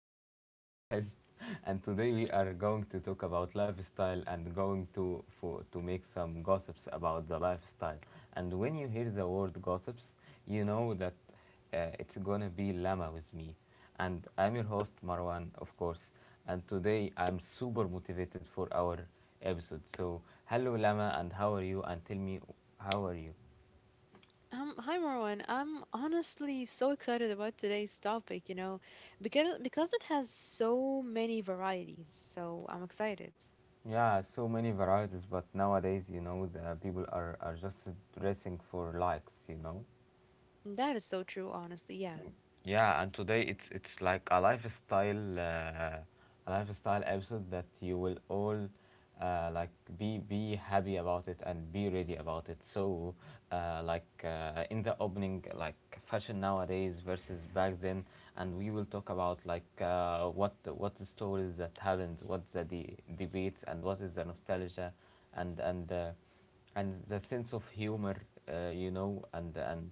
So, hello, guys, and today we are going to talk about lifestyle and going to for to make some gossips about the lifestyle. And when you hear the word gossips, you know that it's gonna be Lama with me, and I'm your host Marwan, of course. And today I'm super motivated for our episode. So hello Lama, and how are you? And tell me, how are you? Hi Marwan. I'm honestly so excited about today's topic, because it has so many varieties. So I'm excited. Yeah, so many varieties, but nowadays, you know, the people are just dressing for likes, you know. That is so true, honestly. Yeah. Yeah, and today it's like a lifestyle episode that you will all like be happy about it and be ready about it. So like in the opening, like fashion nowadays versus back then, and we will talk about like what the stories that happened, what's the debates, and what is the nostalgia, and and. Uh, and the sense of humor, you know, and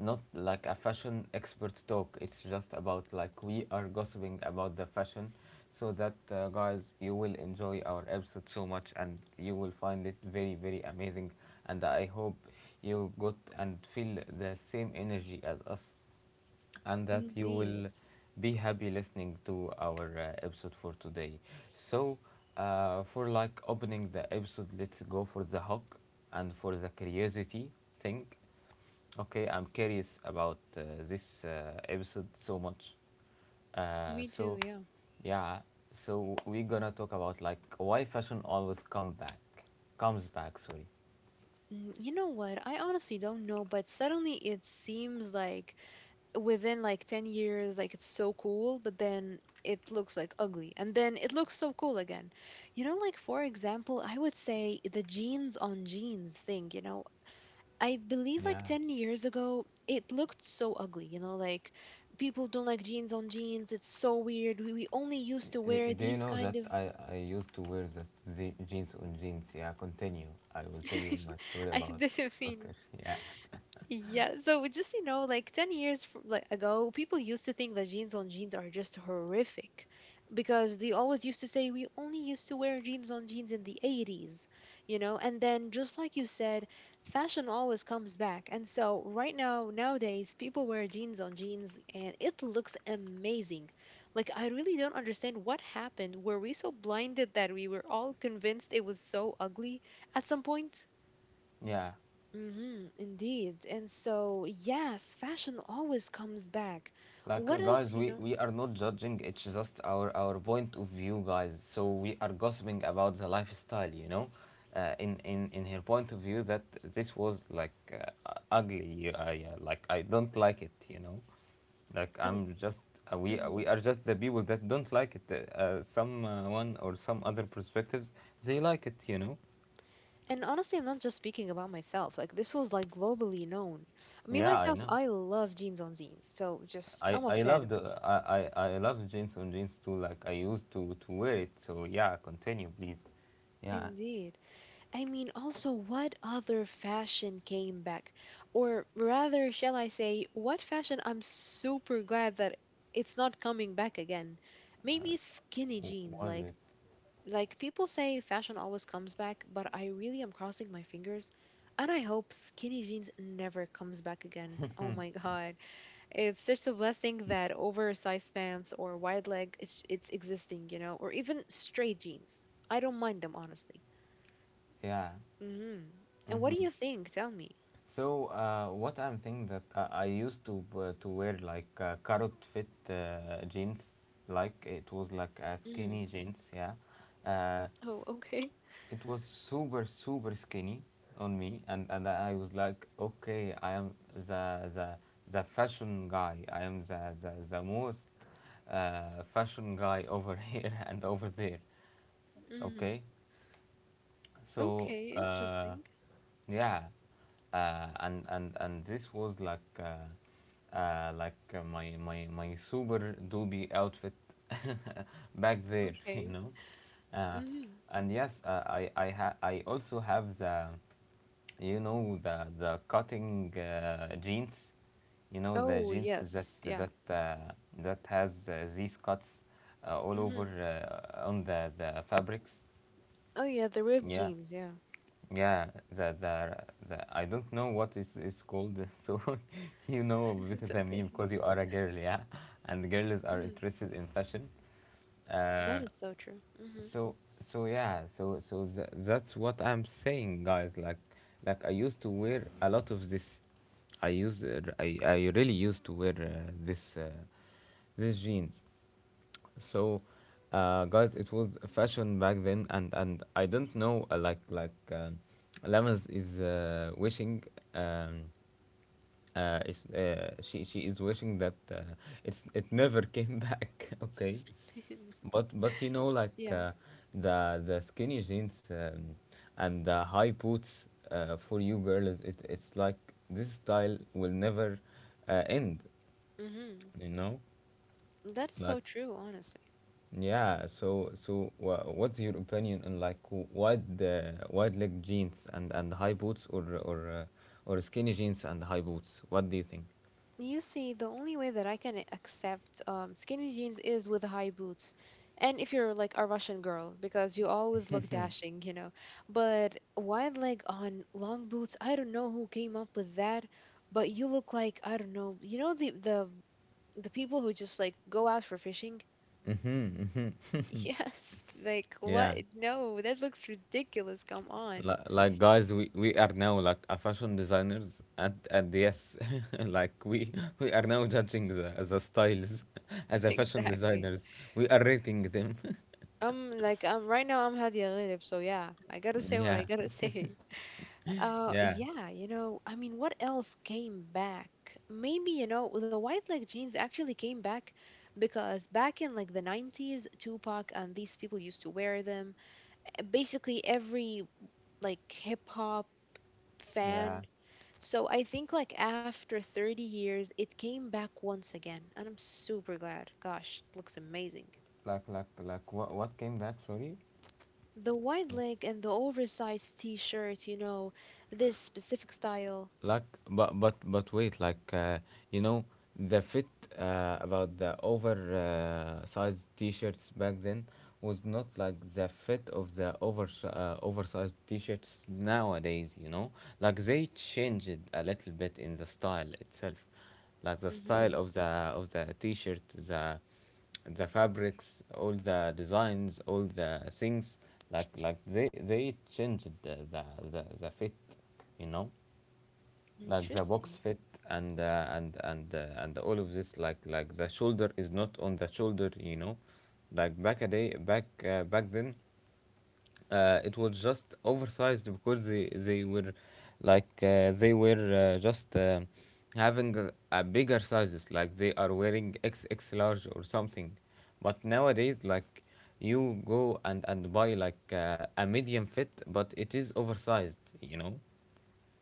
not like a fashion expert talk. It's just about like we are gossiping about the fashion. So that guys, you will enjoy our episode so much and you will find it very very amazing. And I hope you got and feel the same energy as us, and that you Indeed. will be happy listening to our episode for today. So for like opening the episode, let's go for the hook and for the curiosity thing. Okay, I'm curious about this episode so much. Uh, Me too, so, yeah. yeah, so we're gonna talk about like why fashion always comes back. Sorry. Mm. You know what? I honestly don't know, but suddenly it seems like within like 10 years, like it's so cool, but then it looks like ugly. And then it looks so cool again. Like, for example, I would say the jeans on jeans thing, I believe like Yeah. 10 years ago, it looked so ugly, like people don't like jeans on jeans. It's so weird. We only used to wear Do you these know that kind of. I used to wear the jeans on jeans? Yeah, continue. I will tell you my story I about didn't after. mean. Yeah, Yeah, so just like 10 years from, like ago, people used to think that jeans on jeans are just horrific because they always used to say we only used to wear jeans on jeans in the 80s, you know? And then just like you said, fashion always comes back. And so right now nowadays people wear jeans on jeans and it looks amazing. Like I really don't understand what happened. Were we so blinded that we were all convinced it was so ugly at some point? yeah. Indeed. And so, yes, fashion always comes back. Like What guys, else, you we know? we are not judging. It's just our point of view, guys. So we are gossiping about the lifestyle, you know, in her point of view that this was like ugly. I yeah, like I don't like it, you know, like And I'm just we mhm. we are just the people that don't like it. Someone or some other perspectives, they like it, you know. And honestly, I'm not just speaking about myself. Like this was like globally known. Me Yeah, I myself, know. I love jeans on zines. So just I I'm a I fan love of the it. I I I love jeans on jeans too. Like I used to wear it. So yeah, continue please. Yeah, Indeed. I mean, also, what other fashion came back? Or rather, shall I say, what fashion I'm super glad that it's not coming back again. Maybe skinny jeans, was like it? Like people say fashion always comes back, but I really am crossing my fingers and I hope skinny jeans never comes back again. Oh my god. It's such a blessing that oversized pants or wide leg is it's existing, or even straight jeans. I don't mind them honestly. Yeah. Mhm. And what do Mm-hmm. you think? Tell me. So what I'm thinking that I used to wear like carrot fit jeans, like it was like Mhm. skinny jeans. Yeah. Uh, Oh, okay. it was super super skinny on me and I was like okay I am the the fashion guy I am the most fashion guy over here and over there. Mhm. Okay, so Okay, interesting. yeah, and and this was like my my my super doobie outfit back there, you Okay. know. Uh, Mhm. and yes, I also have the, you know the cutting jeans, you know the Oh, jeans that yes. Yeah. That has these cuts all over Mhm. On the fabrics. Oh yeah, the ripped Yeah, jeans, yeah. yeah, the, the, the I don't know what it's called, so you know better It's than okay. me because you are a girl, yeah, and girls are Yeah. interested in fashion. Uh, That is so true. Hmm. so so yeah, so so that's what I'm saying, guys. Like I used to wear a lot of this. I used I really used to wear this these jeans, so, guys, it was a fashion back then, and I don't know, like Lemons is wishing, um, is, she is wishing that it's it never came back. Okay, but you know, like Yeah. The skinny jeans and the high boots for you girls, it's like this style will never end. Hmm. You know, That's like. so true, honestly. Yeah, so so what's your opinion on like wide wide leg jeans and high boots or skinny jeans and high boots? What do you think? You see, the only way that I can accept skinny jeans is with high boots. And if you're like a Russian girl, because you always look dashing, you know. But wide leg on long boots, I don't know who came up with that, but you look like, I don't know, you know the the people who just like go out for fishing? Mm-hmm, mm-hmm. Yes. Like what? Yeah, No, that looks ridiculous. Come on. Like guys, we are now like a fashion designers and yes, like we are now judging the styles as a fashion Exactly. designers. We are rating them. Right now I'm Hadia Gharib, so yeah, I gotta say what I Yeah, gotta say. Yeah, Yeah, I mean, what else came back? Maybe, the white leg jeans actually came back because back in like the 90s, Tupac and these people used to wear them. Basically, every like hip hop yeah. fan. So I think like after 30 years, it came back once again, and I'm super glad. Gosh, it looks amazing. What came back? Sorry. The wide leg and the oversized t-shirt, this specific style. Like but wait like you know the fit about the over sized t-shirts back then was not like the fit of the oversized t-shirts nowadays you know, like they changed it a little bit in the style itself, like the style Hmm. Of the t-shirt, the the fabrics, all the designs, all the things. Like they changed the fit you know, like the box Interesting. fit and and all of this, like the shoulder is not on the shoulder you know. Like back a day back back then it was just oversized because they were like they were just having a bigger sizes, like they are wearing xx large or something, but nowadays like you go and buy like a medium fit but it is oversized you know.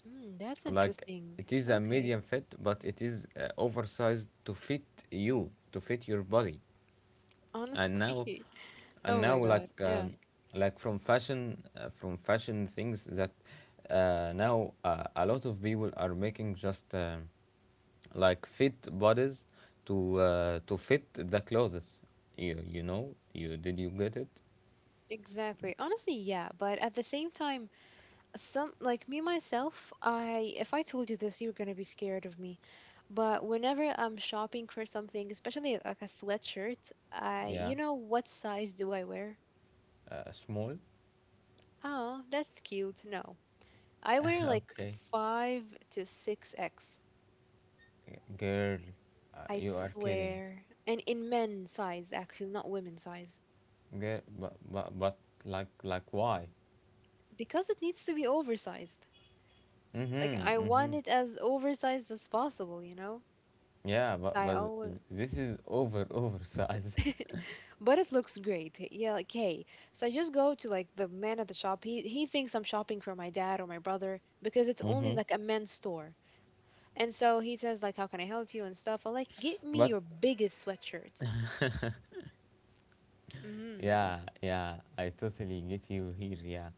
Mm, that's Like interesting. it is a Okay. medium fit but it is oversized to fit you to fit your body. And now Honestly. and Oh now my God. like Yeah. um, like from fashion things that now a lot of people are making just like fit bodies to fit the clothes. You know, you did you get it? Exactly. Honestly, yeah. But at the same time, some like me myself, I if I told you this, you're gonna be scared of me. But whenever I'm shopping for something, especially like a sweatshirt, I Yeah, you know what size do I wear? Small. Oh, that's cute. No. I wear like Okay, five to six X. girl, I you are kidding. swear, and in men size actually, not women size, Okay, but like why? because it needs to be oversized. Like I Mm-hmm, mm-hmm. want it as oversized as possible. Yeah, So I but always, this is over oversized. but it looks great. Yeah, like hey, so I just go to like the man at the shop. He thinks I'm shopping for my dad or my brother because it's only Mm-hmm. like a men's store. And so he says like, how can I help you and stuff. I'm like, get me But your biggest sweatshirt. Hmm. yeah, yeah, I totally get you here. Yeah,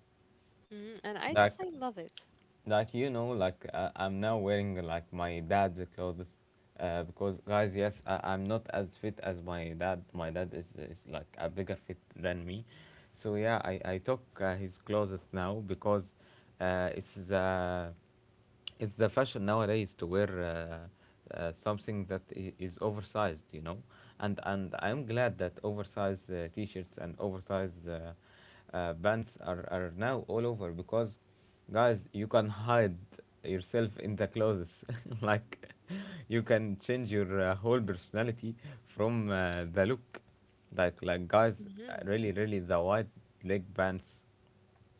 Hmm. And I just like I love it. like you know, like I'm now wearing like my dad's clothes. Because guys, yes, I'm not as fit as my dad. My dad is like a bigger fit than me, so yeah, I took his clothes now because uh, it's the it's the fashion nowadays to wear something that is oversized you know. And I'm glad that oversized t-shirts and oversized pants are now all over because guys you can hide yourself in the clothes like you can change your whole personality from the look. Like guys, Mhm. really really the wide leg pants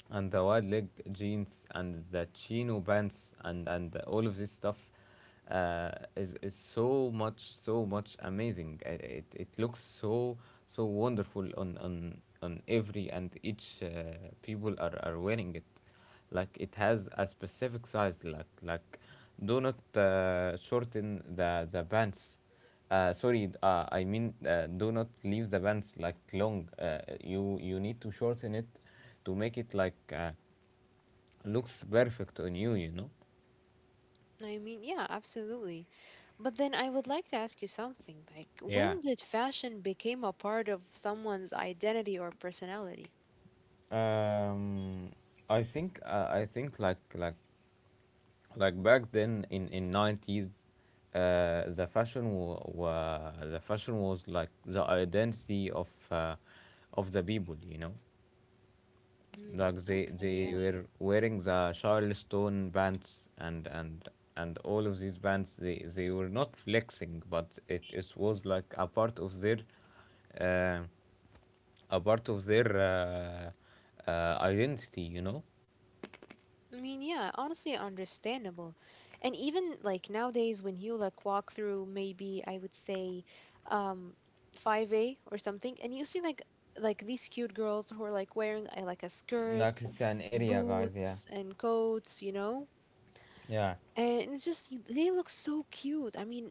and the wide leg jeans and the chino pants and all of this stuff is so much so much amazing. It looks so so wonderful on every and each people are wearing it, like it has a specific size, like do not shorten the pants. Sorry, I mean do not leave the pants like long. You you need to shorten it to make it like looks perfect on you, you know. I mean, yeah, absolutely. But then I would like to ask you something. Like, Yeah, when did fashion became a part of someone's identity or personality? um I think like back then in 90s the fashion the fashion was like the identity of the people you know. Mm, Like they okay, they yeah. were wearing the charleston bands and all of these bands they were not flexing but it was like a part of their uh, a part of their identity you know. I mean, yeah, honestly understandable. And even like nowadays when you like walk through maybe I would say um 5A or something and you see like these cute girls who are like wearing like a skirt, Like it's an area guys, yeah, boots and coats, you know? yeah, And it's just, they look so cute. I mean,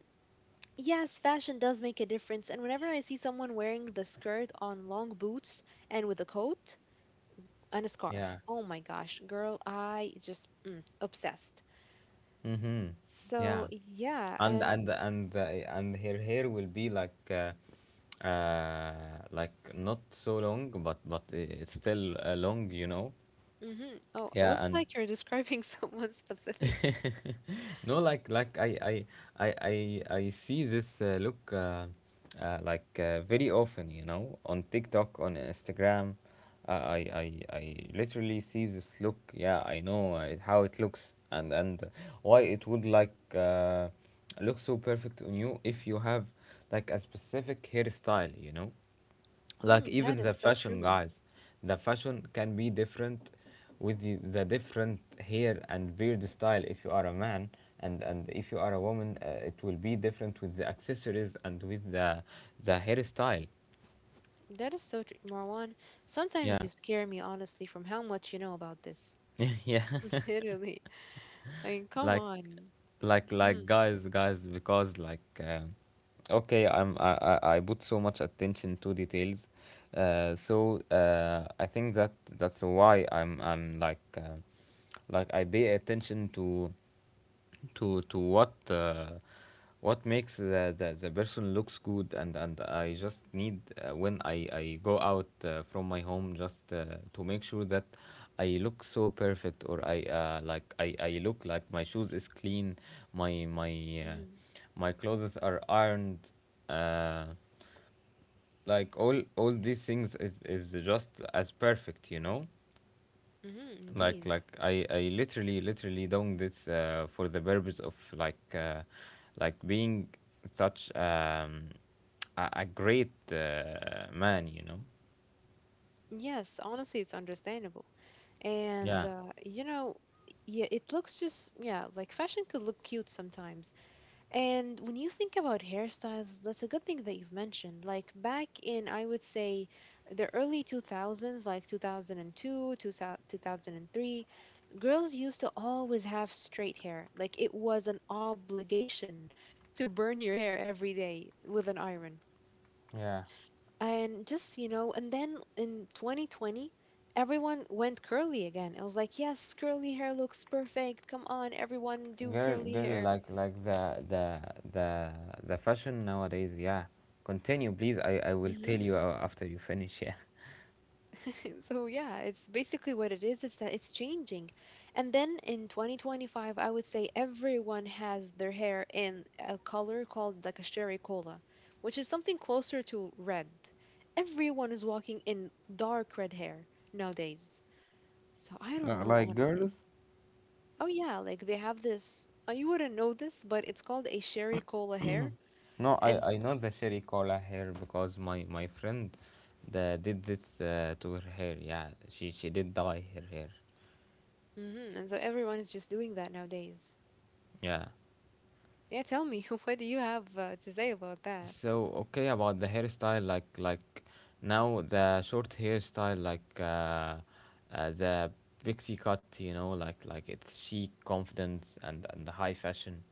yes, fashion does make a difference. And whenever I see someone wearing the skirt on long boots and with a coat and a yeah. scarf, oh my gosh, girl, I just mm, obsessed. Mm-hmm. Yeah. So, yeah, And and and her hair will be like not so long but it's still long, you know. Oh, it Yeah, looks and like you're describing someone specific. no, I see this look very often, you know, on TikTok, on Instagram. I literally see this look. Yeah, I know how it looks, and why it would look so perfect on you if you have like a specific hairstyle, you know. Like Mm, that even is the so fashion true. guys, the fashion can be different with the different hair and beard style if you are a man. And if you are a woman, it will be different with the accessories and with the hairstyle. That is so true, Marwan. Sometimes Yeah. you scare me, honestly, from how much you know about this. Yeah. Literally. I mean, come like on. like like Mm, guys guys because like okay I'm I put so much attention to details, so I think that that's why I'm like I pay attention to to to what uh, what makes the person looks good. And I just need, when I go out from my home, just to make sure that I look so perfect, or I look like my shoes is clean, my my uh, mm, my clothes are ironed. uh, like all these things is just as perfect, you know. Like Indeed. like I I literally doing this for the purpose of like being such a great man, you know. Yes, honestly, it's understandable. And, Yeah, yeah, it looks just, yeah, like fashion could look cute sometimes. And when you think about hairstyles, that's a good thing that you've mentioned. Like back in, I would say, the early 2000s, like 2002, 2000 2003, girls used to always have straight hair. Like it was an obligation to burn your hair every day with an iron yeah. and just and then in 2020 everyone went curly again. It was like, yes, curly hair looks perfect. Come on, everyone do Girl, curly girl, hair. like like the the the the fashion nowadays. Yeah, continue, please. I will tell you Hmm. After you finish. Yeah. So yeah, it's basically what it is, it's that it's changing. And then in 2025, I would say everyone has their hair in a color called like a sherry cola, which is something closer to red. Everyone is walking in dark red hair nowadays. So I don't know, Like honestly. girls. Oh yeah, like they have this. You wouldn't know this, but it's called a sherry cola hair, No, and I know the cherry cola hair because my friend did this to her hair. Yeah, she did dye her hair. mm-hmm, and so everyone is just doing that nowadays. Yeah. Yeah, tell me, what do you have to say about that? So okay, about the hairstyle, now the short hairstyle, like the pixie cut, you know, like it's chic, confidence, and high fashion.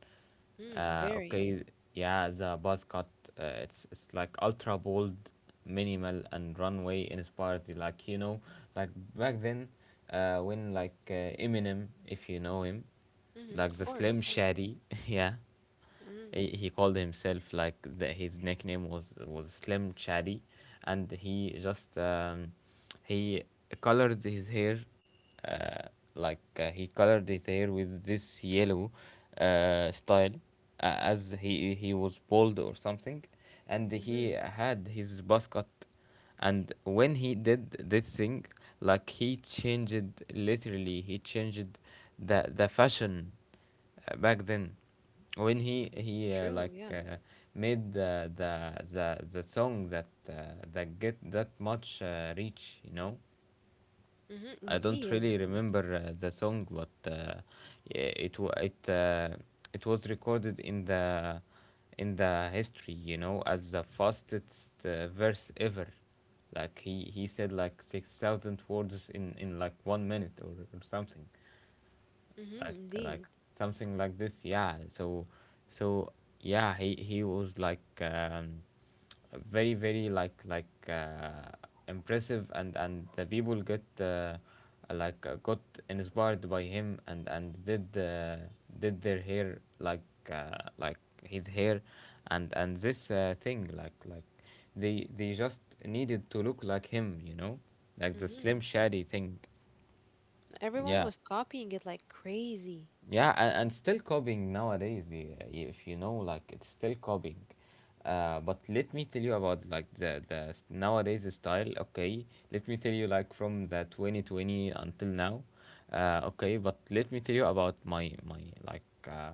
Mm, very. Okay, yeah, the buzz cut, it's like ultra bold, minimal, and runway inspired. Like, you know, like back then, when like Eminem, if you know him, Mm-hmm, like of the Slim course. Yeah. Shady, yeah, Mm, he called himself like his nickname was Slim Shady, and he just he colored his hair, uh, like he colored his hair with this yellow style, as he was bald or something, and he mm-hmm, had his buzz cut. And when he did this thing, like he changed, literally he changed the fashion back then, when he he uh, true. like Yeah. uh, made the song that that get that much reach, you know. Mm-hmm, I don't indeed. really remember the song, but yeah, it wa- it it was recorded in the history, you know, as the fastest verse ever. Like he said like 6,000 words in like 1 minute or something. Mm-hmm, like like indeed. Something like this. Yeah, so so yeah, he was very, very impressive, and the people get like got inspired by him, and did their hair like uh, like his hair. And this thing like they just needed to look like him, you know, like the Slim Mm-hmm. Shady thing. Everyone Yeah. was copying it like crazy. Yeah, and still copying nowadays. If you know, like it's still copying. But let me tell you about like the nowadays style. Okay, let me tell you like from the 2020 until now. Okay, but let me tell you about like uh,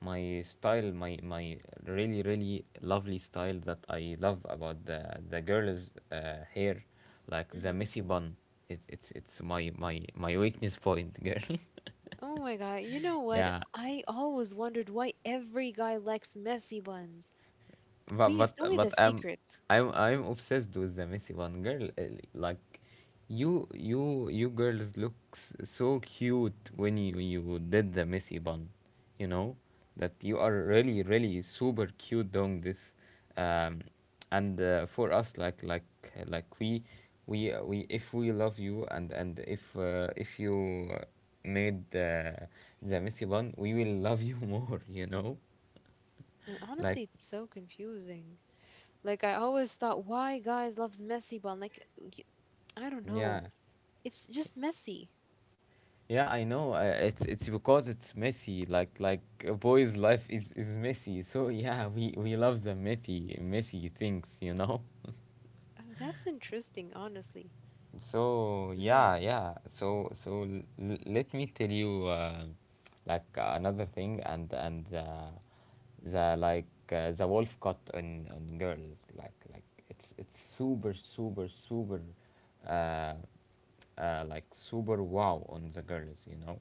my style, my really, really lovely style that I love about the girls' hair, like the Mm-hmm. messy bun. It's my weakness point, girl. Oh my God. You know what? Yeah. I always wondered why every guy likes messy ones. But Please tell but me the but I'm secret. I'm I'm obsessed with the messy one, girl. Like, you you girls look so cute when you did the messy bun, you know, that you are really, really super cute doing this, um, and for us like we, if we love you, and if you made the messy bun, we will love you more, you know, And like. honestly, it's so confusing. Like I always thought, why guys loves messy, bun? Like I don't know. Yeah. It's just messy. Yeah, I know. It's because it's messy. A boy's life is messy. So yeah, we love the messy, messy things, you know. Oh, that's interesting, honestly. So Mhm. yeah, yeah. So so let me tell you, another thing. And the like the wolf cut on girls. Like it's super, super, super, uh, super wow on the girls. You know,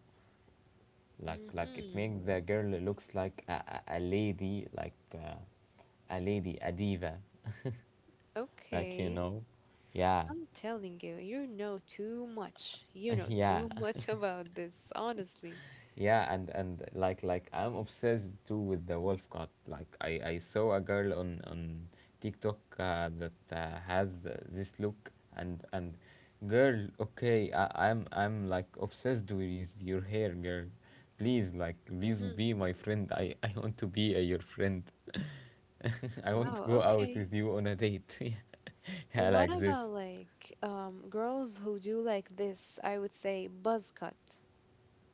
like it Mhm. makes the girl looks like a lady, a lady, a diva, like, you Okay. know. Yeah. I'm telling you, you know too much. You know Yeah. too much about this, honestly. Yeah, and I'm obsessed too with the wolf cut. Like I saw a girl on TikTok that has this look. And girl, okay, I'm like obsessed with your hair, girl. Please, please Mhm. be my friend. I I want to be your friend. I want to Wow. go out Okay. with you on a date. Yeah, What like this. about like girls who do like this? I would say buzz cut.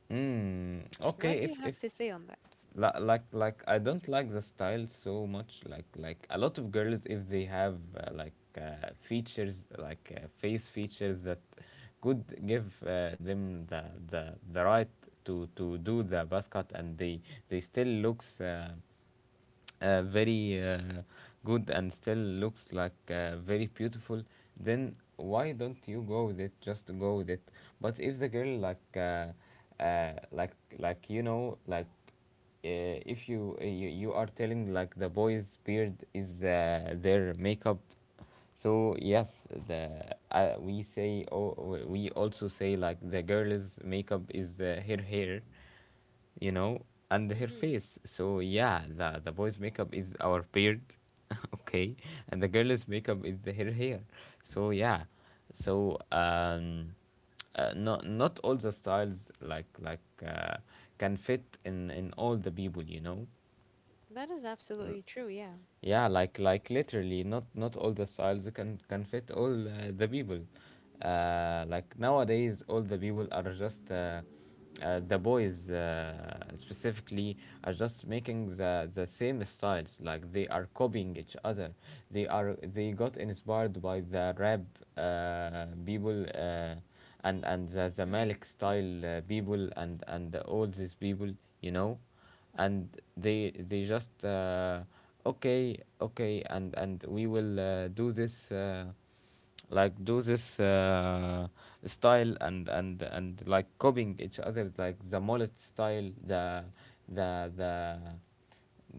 Mm, okay, What do you if have to say on that? like like I don't like the style so much. A lot of girls, if they have features, like face features that could give them the right to do the buzz cut, and they still looks very good, and still looks very beautiful, then why don't you go with it? Just go with it. But if the girl like you know like if you, you you are telling like the boy's beard is their makeup, so yes, the we say, oh, we also say like the girl's makeup is the her hair, you know, and her Mhm. face. So yeah, the boy's makeup is our beard, okay, and the girl's makeup is her hair. So yeah, so not not all the styles can fit in all the people, you know. That is absolutely true. Yeah. Yeah, like literally not not all the styles can fit all the people. Like nowadays all the people are just the boys specifically are just making the same styles. Like they are copying each other. They are, they got inspired by the rap people, and the malik style people, and all these people, you know. And they just okay, okay, and we will do this, do this style, and like copying each other, like the mullet style, the the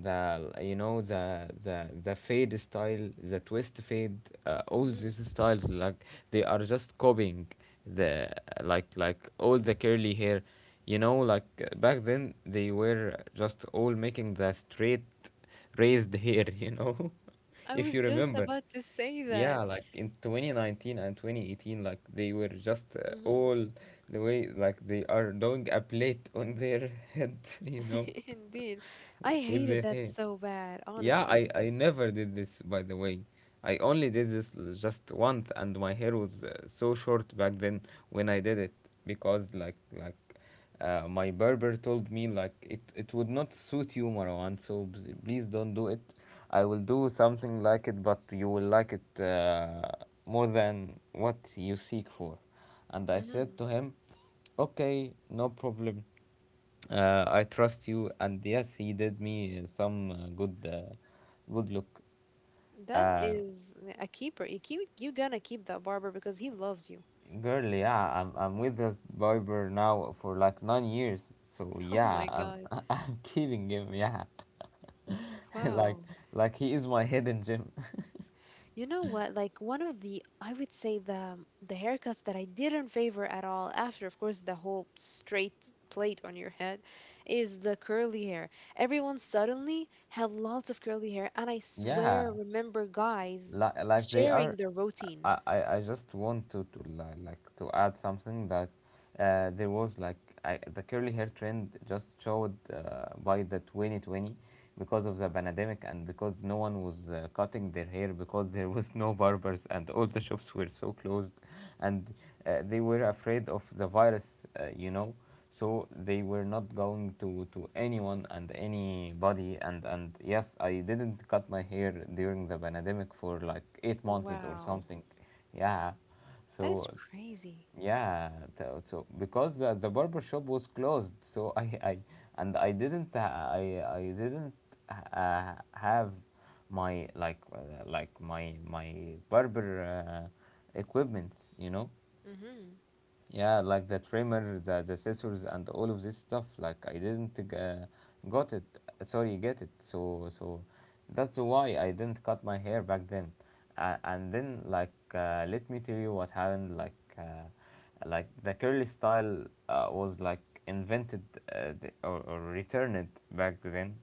the you know, the fade style, the twist fade, all Mm-hmm. these styles. Like they are just copying the, like all the curly hair, you know. Like back then they were just all making the straight, raised hair, you know. I If you was just remember. about to say that. Yeah, like in 2019 and 2018, like they were just Hmm. all the way, like they are doing a plate on their head, you know? Indeed. I With hated their that hair. so bad, Yeah, honestly. I never did this, by the way. I only did this just once, and my hair was so short back then when I did it, because my barber told me like, it would not suit you, Marwan. So please don't do it. I will do something like it, but you will like it more than what you seek for. And I said hmm to him, okay, no problem. I trust you, and yes, he did me some good, good look. That Uh, is a keeper. You keep, you're gonna keep that barber because he loves you. Girl, yeah, I'm with this barber now for like 9 years, so Oh yeah, my I'm God. I'm keeping him, yeah. like Wow. He is my hidden gem, You know what? Like one of the, I would say the haircuts that I didn't favor at all after, of course, the whole straight plate on your head, is the curly hair. Everyone suddenly had lots of curly hair, and I swear, yeah. remember guys like they sharing are their routine. I just want to, to add something, that there was like, the curly hair trend just showed by the 2020, because of the pandemic, and because no one was cutting their hair, because there was no barbers, and all the shops were so closed, and they were afraid of the virus, you know. So they were not going to anyone and anybody. And yes, I didn't cut my hair during the pandemic for like 8 months or Wow, something. Yeah. that is So crazy. yeah, so so because the barber shop was closed, so I didn't I didn't have my barber equipments, you know. Hmm. Yeah, like the tremor, the sensors, and all of this stuff. Like I didn't got it. Sorry, get it. So that's why I didn't cut my hair back then. And then let me tell you what happened. Like the curly style was like invented, or returned back then,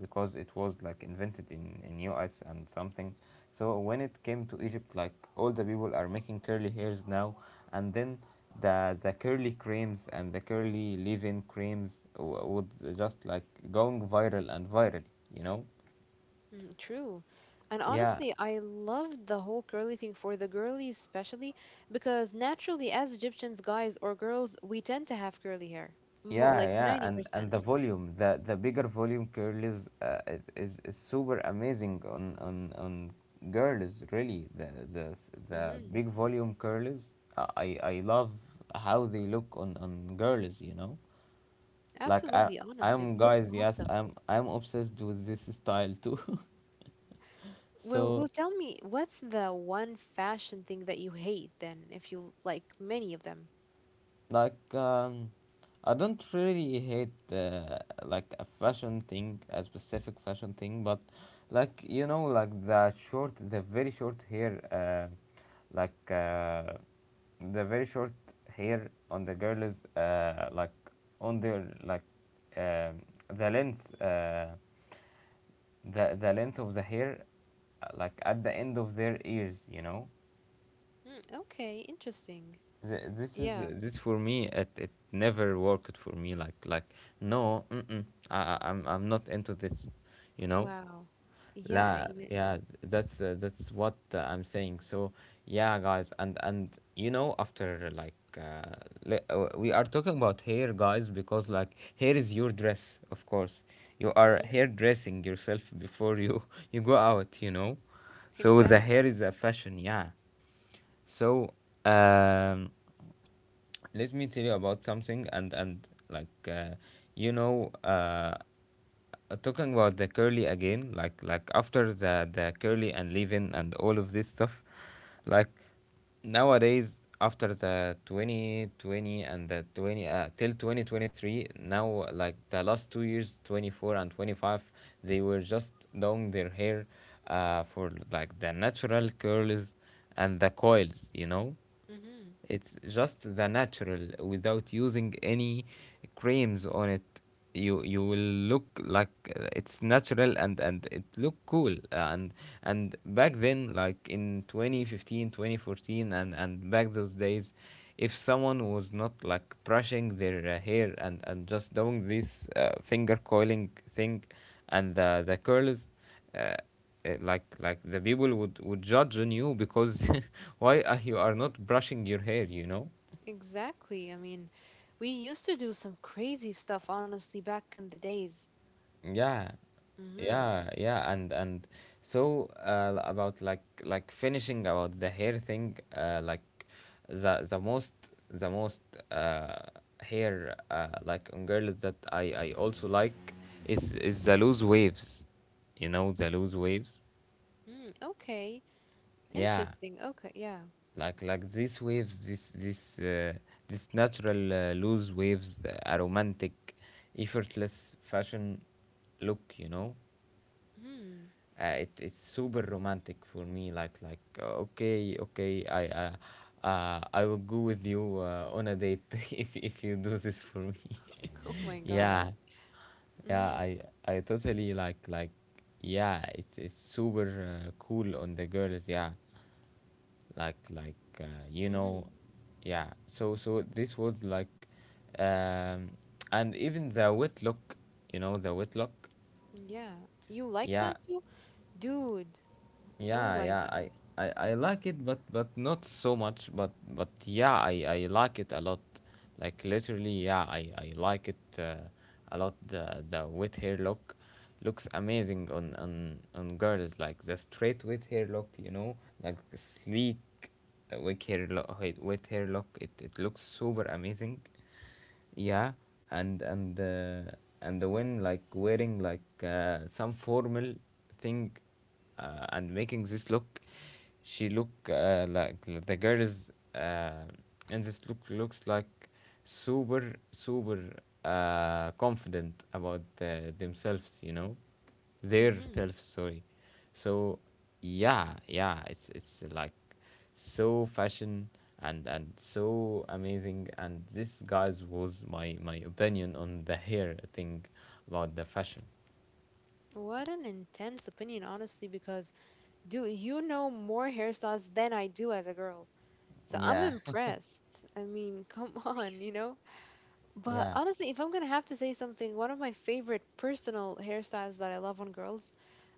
because it was like invented in US and something. So when it came to Egypt, like all the people are making curly hairs now. And then the curly creams and the curly leave-in creams would just like going viral and viral, you know? Mm, true. And Yeah. honestly, I loved the whole curly thing for the girlies, especially because naturally, as Egyptians, guys or girls, we tend to have curly hair, mo Yeah, like yeah, and the 90%. volume, the bigger volume curls is super amazing on girls. Really, the the Mm-hmm. big volume curls. I love how they look on girls. You know, like Absolutely, honestly, I'm they look guys. Yes, awesome. I'm obsessed with this style too. Well, so well, tell me, what's the one fashion thing that you hate then, if you like many of them? Like, I don't really hate uh, like a fashion thing, a specific fashion thing, but like you know, like the short, the very short hair, like the very short hair on the girls, like on their like um, the length, the length of the hair, like at the end of their ears. Mm, okay, interesting. Th- this is Yeah. this For me, it never worked for me like. No, mm-mm. I'm not into this you know Wow. Yeah. La, yeah, that's what I'm saying. So, yeah, guys, and you know, after like uh, we are talking about hair, guys, because like hair is your dress, of course. You are Mm-hmm. hair dressing yourself before you you go out. So the Exactly. hair is a fashion, yeah. So, um, let me tell you about something and like you know uh, uh, talking about the curly again like after the curly and leaving and all of this stuff like nowadays after the 2020 and the 20 uh, till 2023 now like the last 2 years 24 and 25 they were just doing their hair for like the natural curls and the coils Mm-hmm. it's just the natural without using any creams on it. You will look like it's natural and it look cool and back then like in 2015, 2014, and back those days if someone was not like brushing their hair and just doing this finger coiling thing and the curls uh, the people would judge on you because why are you are not brushing your hair? Exactly. I mean, we used to do some crazy stuff, honestly, back in the days. Yeah, Mm-hmm. yeah, yeah, and so about finishing about the hair thing, like the the most the most uh, hair like on girls that I also like is the loose waves, the loose waves, Mm, okay. yeah. Interesting. Okay. Yeah. Like these waves, this natural loose waves, a romantic, effortless fashion look you know Mm. uh, It's super romantic for me. Okay, okay, I will go with you on a date. If you do this for me. Oh my God. Yeah, yeah, Mm-hmm. I totally like. Yeah, it's super cool on the girls, yeah, like like uh, you know Mm-hmm. yeah. So this was like um and even the whitlock, you know, the whitlock, Yeah. You like yeah. that too? Dude. Oh Yeah, my yeah, God. I like it, but not so much. But yeah, I like it a lot. Like, literally, yeah, I like it a lot. The wet hair look looks amazing on girls. Like the straight wet hair look, you know, like the sleek wet hair look. Wet hair look. It looks super amazing, yeah, and and uh, and when like wearing like some formal thing, and making this look, she look like the girl is, and this look looks like super super confident about themselves, you know, their Mm-hmm. self, sorry. So yeah, yeah, it's like so fashion and so amazing, and this, guys, was my opinion on the hair thing, about the fashion. What an intense opinion, honestly, because dude, you know more hairstyles than I do as a girl. So I'm Yeah. impressed. I mean, come on, you know? But Yeah. honestly, if I'm gonna have to say something, one of my favorite personal hairstyles that I love on girls,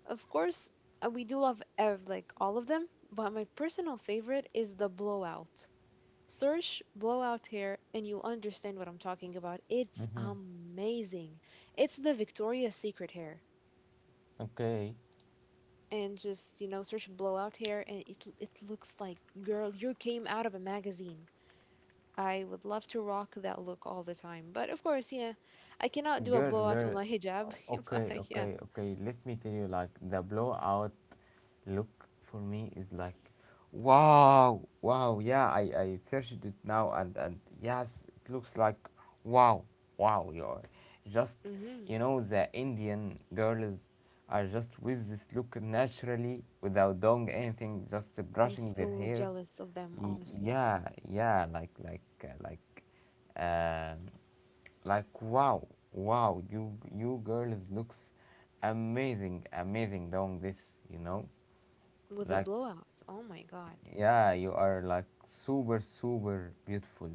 of course, we do love like all of them, but my personal favorite is the blowout. Search blowout hair and you'll understand what I'm talking about. It's Mm-hmm. amazing. It's the Victoria's Secret hair. Okay. And just, search blowout hair and it looks like, girl, you came out of a magazine. I would love to rock that look all the time. But of course, yeah, I cannot do a Girl, blowout on girl, my hijab. Okay, But yeah. okay, okay. Let me tell you, like, the blowout look for me is like, wow, wow, yeah, I searched it now, and yes, it looks like, wow, wow, you're just, hmm you know, the Indian girls are just with this look naturally without doing anything, just I'm brushing their so hair. jealous of them, honestly. Yeah, yeah, um like wow, wow, you girls looks amazing, amazing, doing this you know With a like, blowout, oh my God. yeah, you are like super super beautiful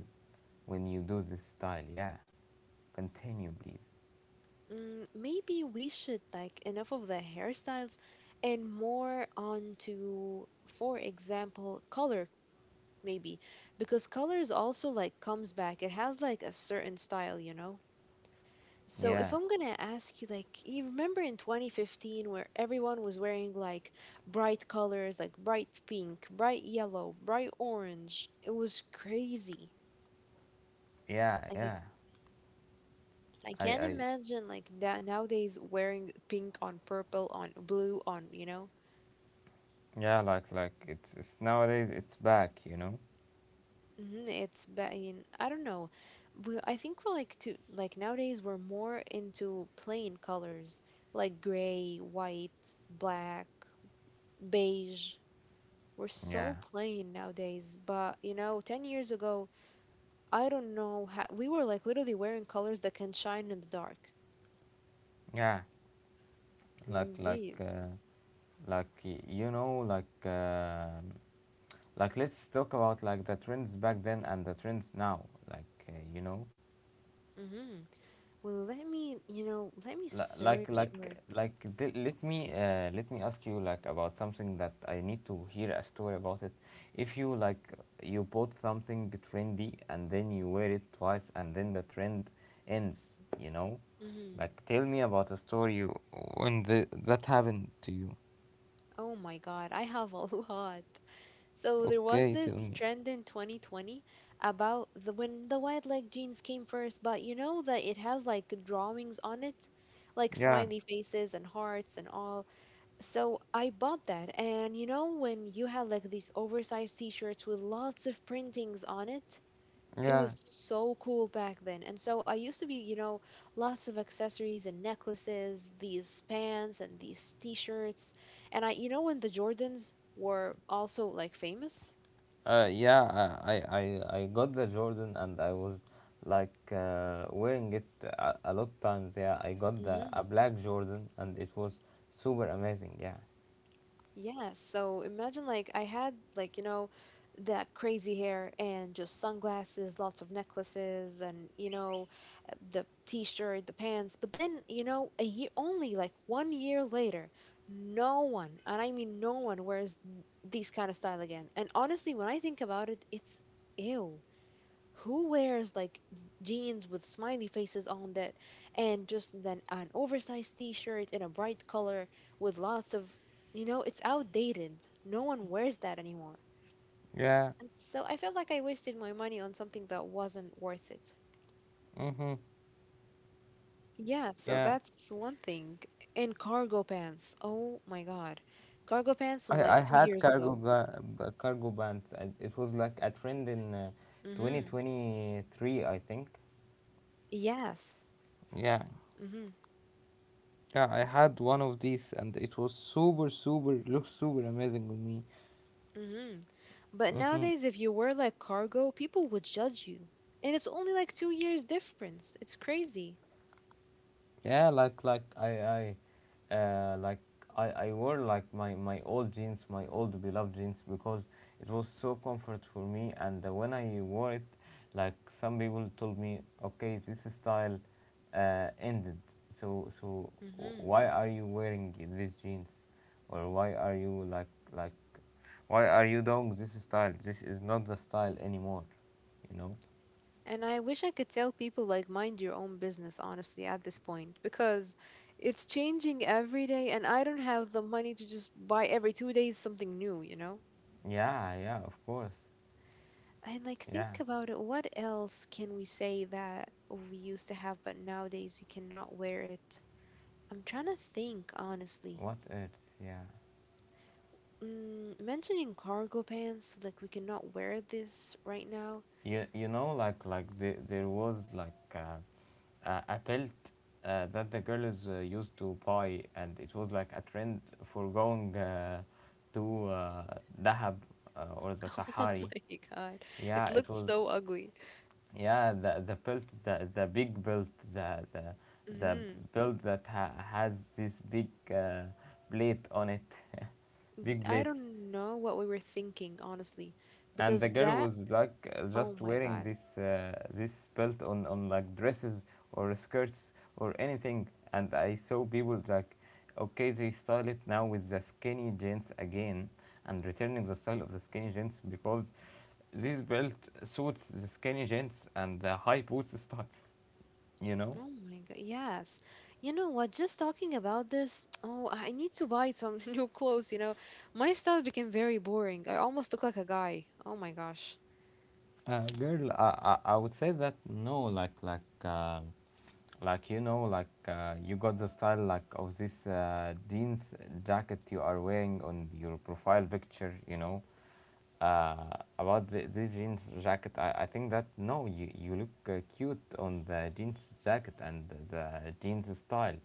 when you do this style, yeah. Continue, please. Maybe we should like enough of the hairstyles and more onto, for example, color, maybe. Because colors also like comes back. It has like a certain style, you know? So if Yeah, I'm gonna ask you, like, you remember in 2015 where everyone was wearing like bright colors, like bright pink, bright yellow, bright orange. It was crazy. yeah, Like I yeah, I i can't i imagine like that nowadays wearing pink on purple on blue on. Yeah, like it's nowadays it's back. Hmm. In I don't know. I think we're like to like nowadays we're more into plain colors like gray, white, black, beige. We're Yeah, so plain nowadays, but you know, 10 years ago, I don't know how we were like literally wearing colors that can shine in the dark. yeah, like Indeed. like uh, like y- you know like let's talk about like the trends back then and the trends now, like uh, you know Mm-hmm. Well, let me search or. Let me ask you like about something that I need to hear a story about it. If you like, you bought something trendy and then you wear it twice and then the trend ends. Hmm. Like, tell me about a story when that happened to you. Oh my God, I have a lot. So there was Okay, this tell me. trend in 2020 about the when the wide leg jeans came first, but you know that it has like drawings on it, like Yeah, smiley faces and hearts and all. So I bought that, and you know, when you had like these oversized t-shirts with lots of printings on it, it yeah. was so cool back then. And so I used to be, you know, lots of accessories and necklaces, these pants and these t-shirts. And when the Jordans were also like famous. Yeah, I, I, I got the Jordan and I was like wearing it a lot times. Yeah, I got the Hmm. a black Jordan and it was super amazing. Yeah, Yeah, so imagine like I had like, you know, that crazy hair and just sunglasses, lots of necklaces and, you know, the t-shirt, the pants. But then, you know, a year only like one year later, no one, and I mean no one wears these kind of style again. And honestly, when I think about it, it's ew, who wears like jeans with smiley faces on that, and just then an oversized t-shirt in a bright color with lots of, it's outdated. No one wears that anymore. yeah, And so I felt like I wasted my money on something that wasn't worth it. mm-hmm, Yeah, so yeah. that's one thing. And cargo pants, oh my God, cargo pants was I like two had years cargo ago. ga- b- cargo pants. And it was like a trend in Mm-hmm. 2023, I think. Yes. Yeah, Mm-hmm. yeah. I had one of these and it was super super looks super amazing on me. Mm-hmm. But Mm-hmm. nowadays, if you wear like cargo, people would judge you. And it's only like 2 years difference. It's crazy. Yeah, I uh, like I wore like my old jeans, my old beloved jeans because it was so comfort for me. And when I wore it, like some people told me, okay, this style ended. So Hmm. why are you wearing these jeans, or why are you why are you doing this style? This is not the style anymore, you know? And I wish I could tell people like mind your own business, honestly, at this point, because it's changing every day, and I don't have the money to just buy every 2 days something new, you know? Yeah, yeah, of course. And like Yeah. think about it, what else can we say that we used to have, but nowadays we cannot wear it? I'm trying to think, honestly. What else? Yeah. Mm, mentioning cargo pants, like we cannot wear this right now. You know like there was like a pelt that the girls used to buy, and it was like a trend for going to, Dahab, or the Oh Sahari. my God. Yeah, It it looks was so ugly. Yeah, the big belt, the Hmm. belt that has this big uh, plate on it, big I plates. don't know what we were thinking, honestly, And the because girl that, was like oh just my wearing God. this, this belt on like dresses or skirts or anything. And I saw people like, okay, they style it now with the skinny jeans again, and returning the style of the skinny jeans because this belt suits the skinny jeans and the high boots style you know Oh my God. Yes. You know what? Just talking about this, oh, I need to buy some new clothes. My style became very boring. I almost look like a guy. Oh my gosh. Girl, I would say that no, like you got the style like of this jeans jacket you are wearing on your profile picture. You know, uh, about this jeans jacket, I think that no, you look cute on the jeans jacket and the jeans style.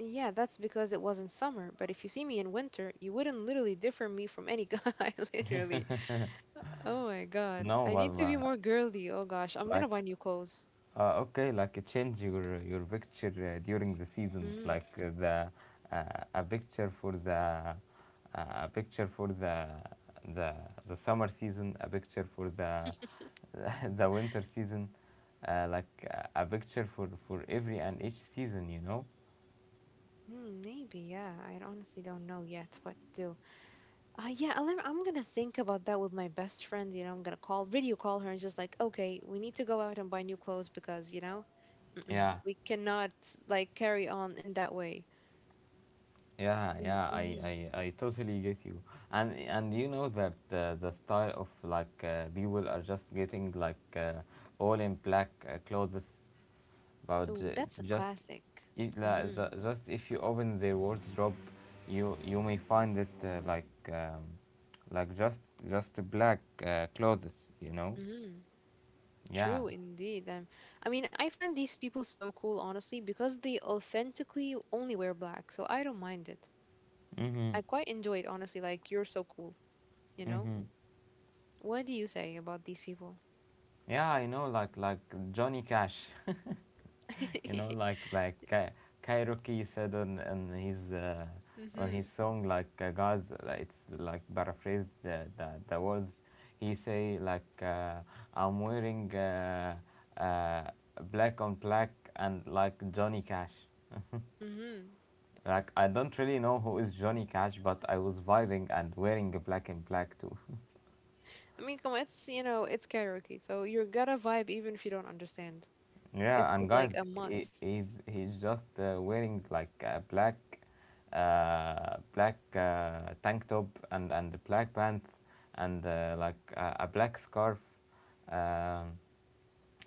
Yeah, that's because it wasn't summer, but if you see me in winter, you wouldn't literally differ me from any guy, literally. Oh my God. No, I need but to be more girly. Oh gosh. I'm gonna like buy new clothes. Okay, like, change your picture during the seasons, Mm, like, the a picture for uh, a picture for the the the summer season, a picture for the the winter season, a picture for every and each season, you know. mm, maybe, yeah. I honestly don't know yet what to do. Yeah, I'm gonna think about that with my best friend. You know, I'm gonna video call her and just like, okay, we need to go out and buy new clothes because, you know, mm-mm, Yeah, we cannot like carry on in that way. yeah, yeah. Mm-hmm. I totally get you, and you know that the style of like, people are just getting like, all in black clothes. But Oh, that's a just classic. if, Mm-hmm. just if you open their wardrobe, you may find it like just black clothes. Mm-hmm. Yeah. True, indeed. I mean, I find these people so cool, honestly, because they authentically only wear black, so I don't mind it. Mhm. I quite enjoy it, honestly. Like, you're so cool, you know? Mhm. What do you say about these people? Yeah, I know, like Johnny Cash, you know like like Ka- Kairoki said on his on his Mm-hmm. song, like, guys, like, it's like paraphrased the words he say, like, I'm wearing, uh, black on black and like Johnny Cash. Mm-hmm. Like, I don't really know who is Johnny Cash, but I was vibing and wearing a black and black too. I mean, come on, it's karaoke, so you gotta vibe even if you don't understand. It's Yeah, and guys, like a he, must. he's he's just wearing like a black tank top and the black pants and, like, a black scarf. Um,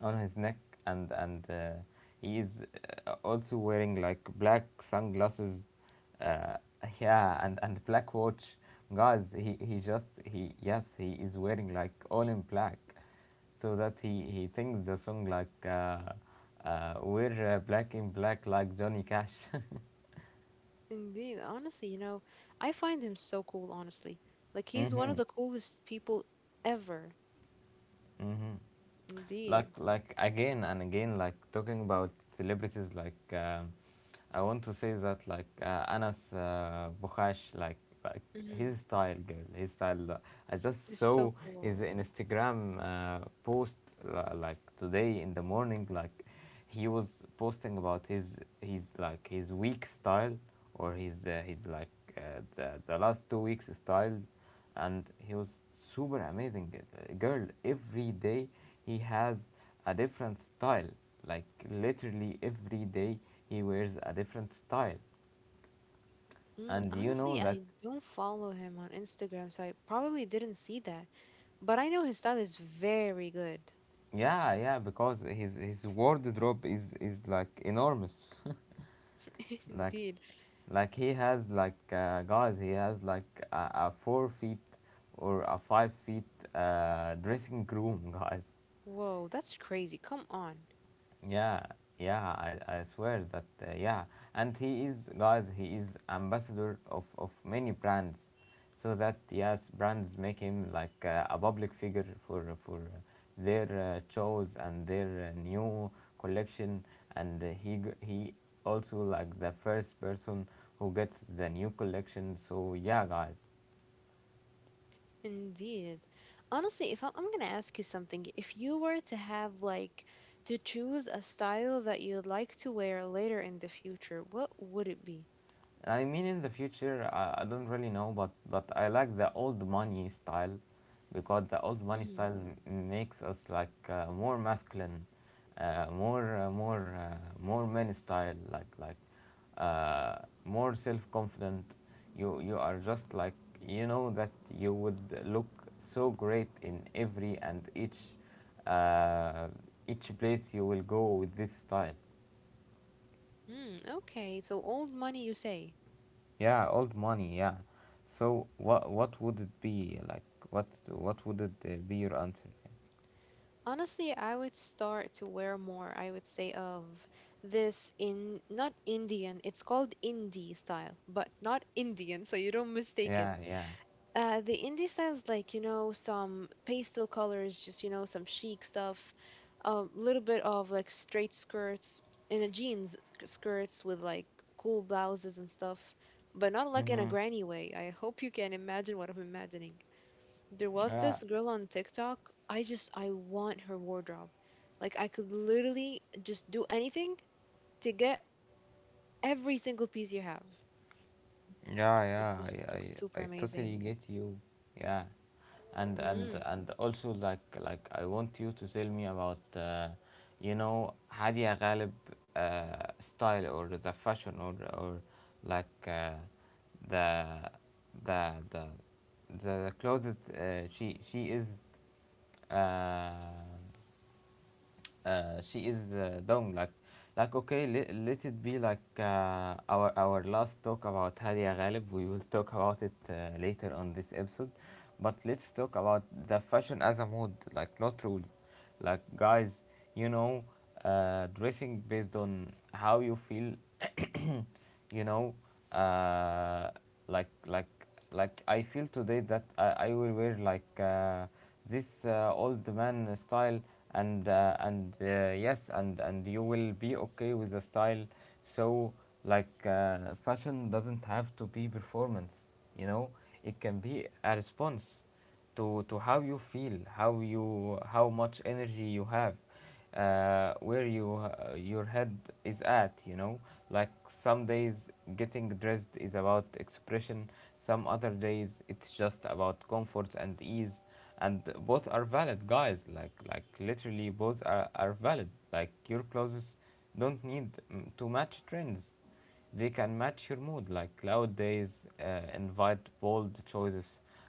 on his neck, and he is, also wearing like black sunglasses, uh, yeah, and black watch. Guys, he just he yes he is wearing like all in black, so that he, thinks the song like, we're, black in black like Johnny Cash. Indeed, honestly, I find him so cool, honestly. Like, he's one of Mm-hmm. the coolest people ever. Mm-hmm. like Indeed. like again and again, like talking about celebrities, like, I want to say that like, Anas Bukhash, like Mhm. his style, girl, his style, I just It's saw so his cool. Instagram post like today in the morning. Like, he was posting about his week style, or his uh, the last 2 weeks style, and he was super amazing. Girl, every day he has a different style. Like, literally every day he wears a different style, Mm, and you honestly, know I that. don't follow him on Instagram, so I probably didn't see that. But I know his style is very good. Yeah, yeah, because his wardrobe is like enormous. like Indeed. like he has like, guys, he has like a 4 feet or a 5 feet dressing room. Guys, Whoa, that's crazy. Come on. yeah, yeah, I swear that, yeah. And he is, guys, he is ambassador of many brands. So that, yes, brands make him like a public figure for their shows and their new collection. And he also like the first person who gets the new collection. So, yeah, guys. Indeed. Honestly, if I- I'm gonna ask you something, if you were to have like to choose a style that you'd like to wear later in the future, what would it be? I mean, in the future, I don't really know, but I like the old money style, because the old money Mm, style makes us like more masculine, uh, more uh, more uh, more men style, more self confident. You are just like you know that you would look so great in every and each uh, place you will go with this style. mm, okay, so old money, you say. Yeah, old money. Yeah. So what would it be like? What would it be your answer? Honestly, I would start to wear more, I would say, of this, in not Indian, it's called indie style, but not Indian, so you don't mistake it. Yeah, yeah. The indie style is like, some pastel colors, just, some chic stuff, a little bit of like straight skirts in a jeans skirts with like cool blouses and stuff, but not like in a Mm-hmm. granny way. I hope you can imagine what I'm imagining. There was Yeah. this girl on TikTok. I want her wardrobe. Like I could literally just do anything to get every single piece you have. Yeah, It yeah, just I, looks I, super I totally amazing. get you. Yeah, and and Mm-hmm. and also like I want you to tell me about you know Hadia Ghalib style or the fashion or like uh, the the the the clothes she is uh, down, like okay, let it be like our last talk about Hadia Ghalib. We will talk about it later on this episode, but let's talk about the fashion as a mode, like not rules, like guys, you know, dressing based on how you feel. You know, uh, like like I feel today that I will wear like this old man style. And yes, and you will be okay with the style. So like fashion doesn't have to be performance, you know. It can be a response to how you feel, how you- how much energy you have, where you- your head is at, you know. Like, some days getting dressed is about expression, some other days it's just about comforts and ease. And both are valid, guys. Like literally both are valid. Like, your clothes don't need to match trends, they can match your mood. Like cloud days invite bold choices,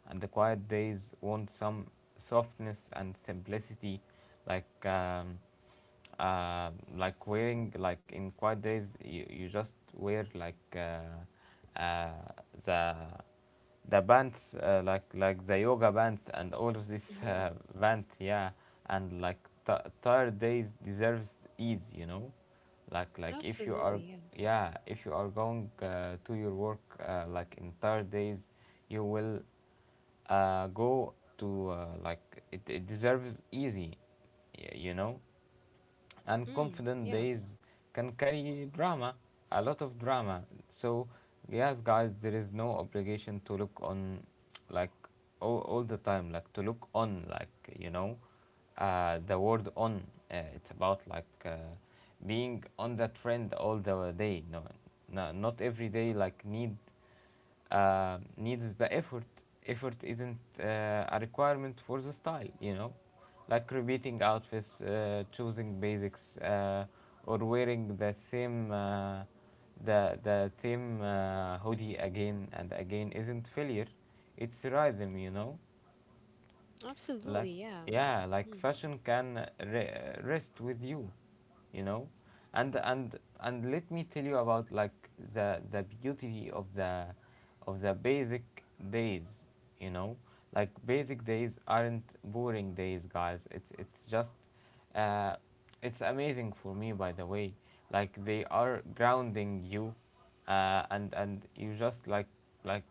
and the quiet days want some softness and simplicity. like. Um, uh, like wearing, like in quiet days you, you just wear like uh, the the bands, like the yoga bands and all of this Mm-hmm. bands, yeah. And like tired days deserves ease, you know. If you are- Absolutely, yeah. yeah, if you are going to your work, like in tired days you will go to, like, it deserves easy, you know. And Mm, confident yeah, days can carry drama, a lot of drama. So, yes, guys, there is no obligation to look on, like all the time, like to look on, like you know, the word on. It's about, like being on the trend all the day. No, no, not every day. Like need- needs the effort. Effort isn't a requirement for the style, you know, like repeating outfits, choosing basics, or wearing the same hoodie again and again isn't failure. It's rhythm, you know. like absolutely, yeah. yeah, like Mm-hmm. fashion can rest with you, you know. And let me tell you about, like, the beauty of the basic days, you know. Like, basic days aren't boring days, guys. It's just uh it's amazing for me, by the way. Like they are grounding you, and you just like, like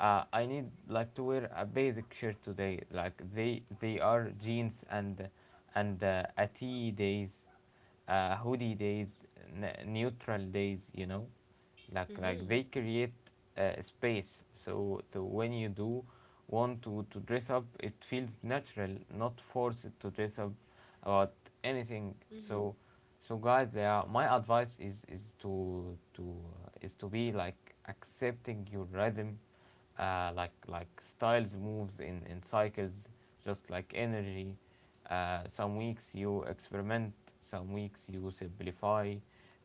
I need, like, to wear a basic shirt today. Like they are jeans and a tee days, hoodie days, neutral days. You know, like Mm-hmm. they create space. So, when you do want to dress up, it feels natural, not forced to dress up about anything. Mm-hmm. So, guys, yeah, my advice is to be like accepting your rhythm. Like styles moves in cycles, just like energy. Some weeks you experiment, some weeks you simplify,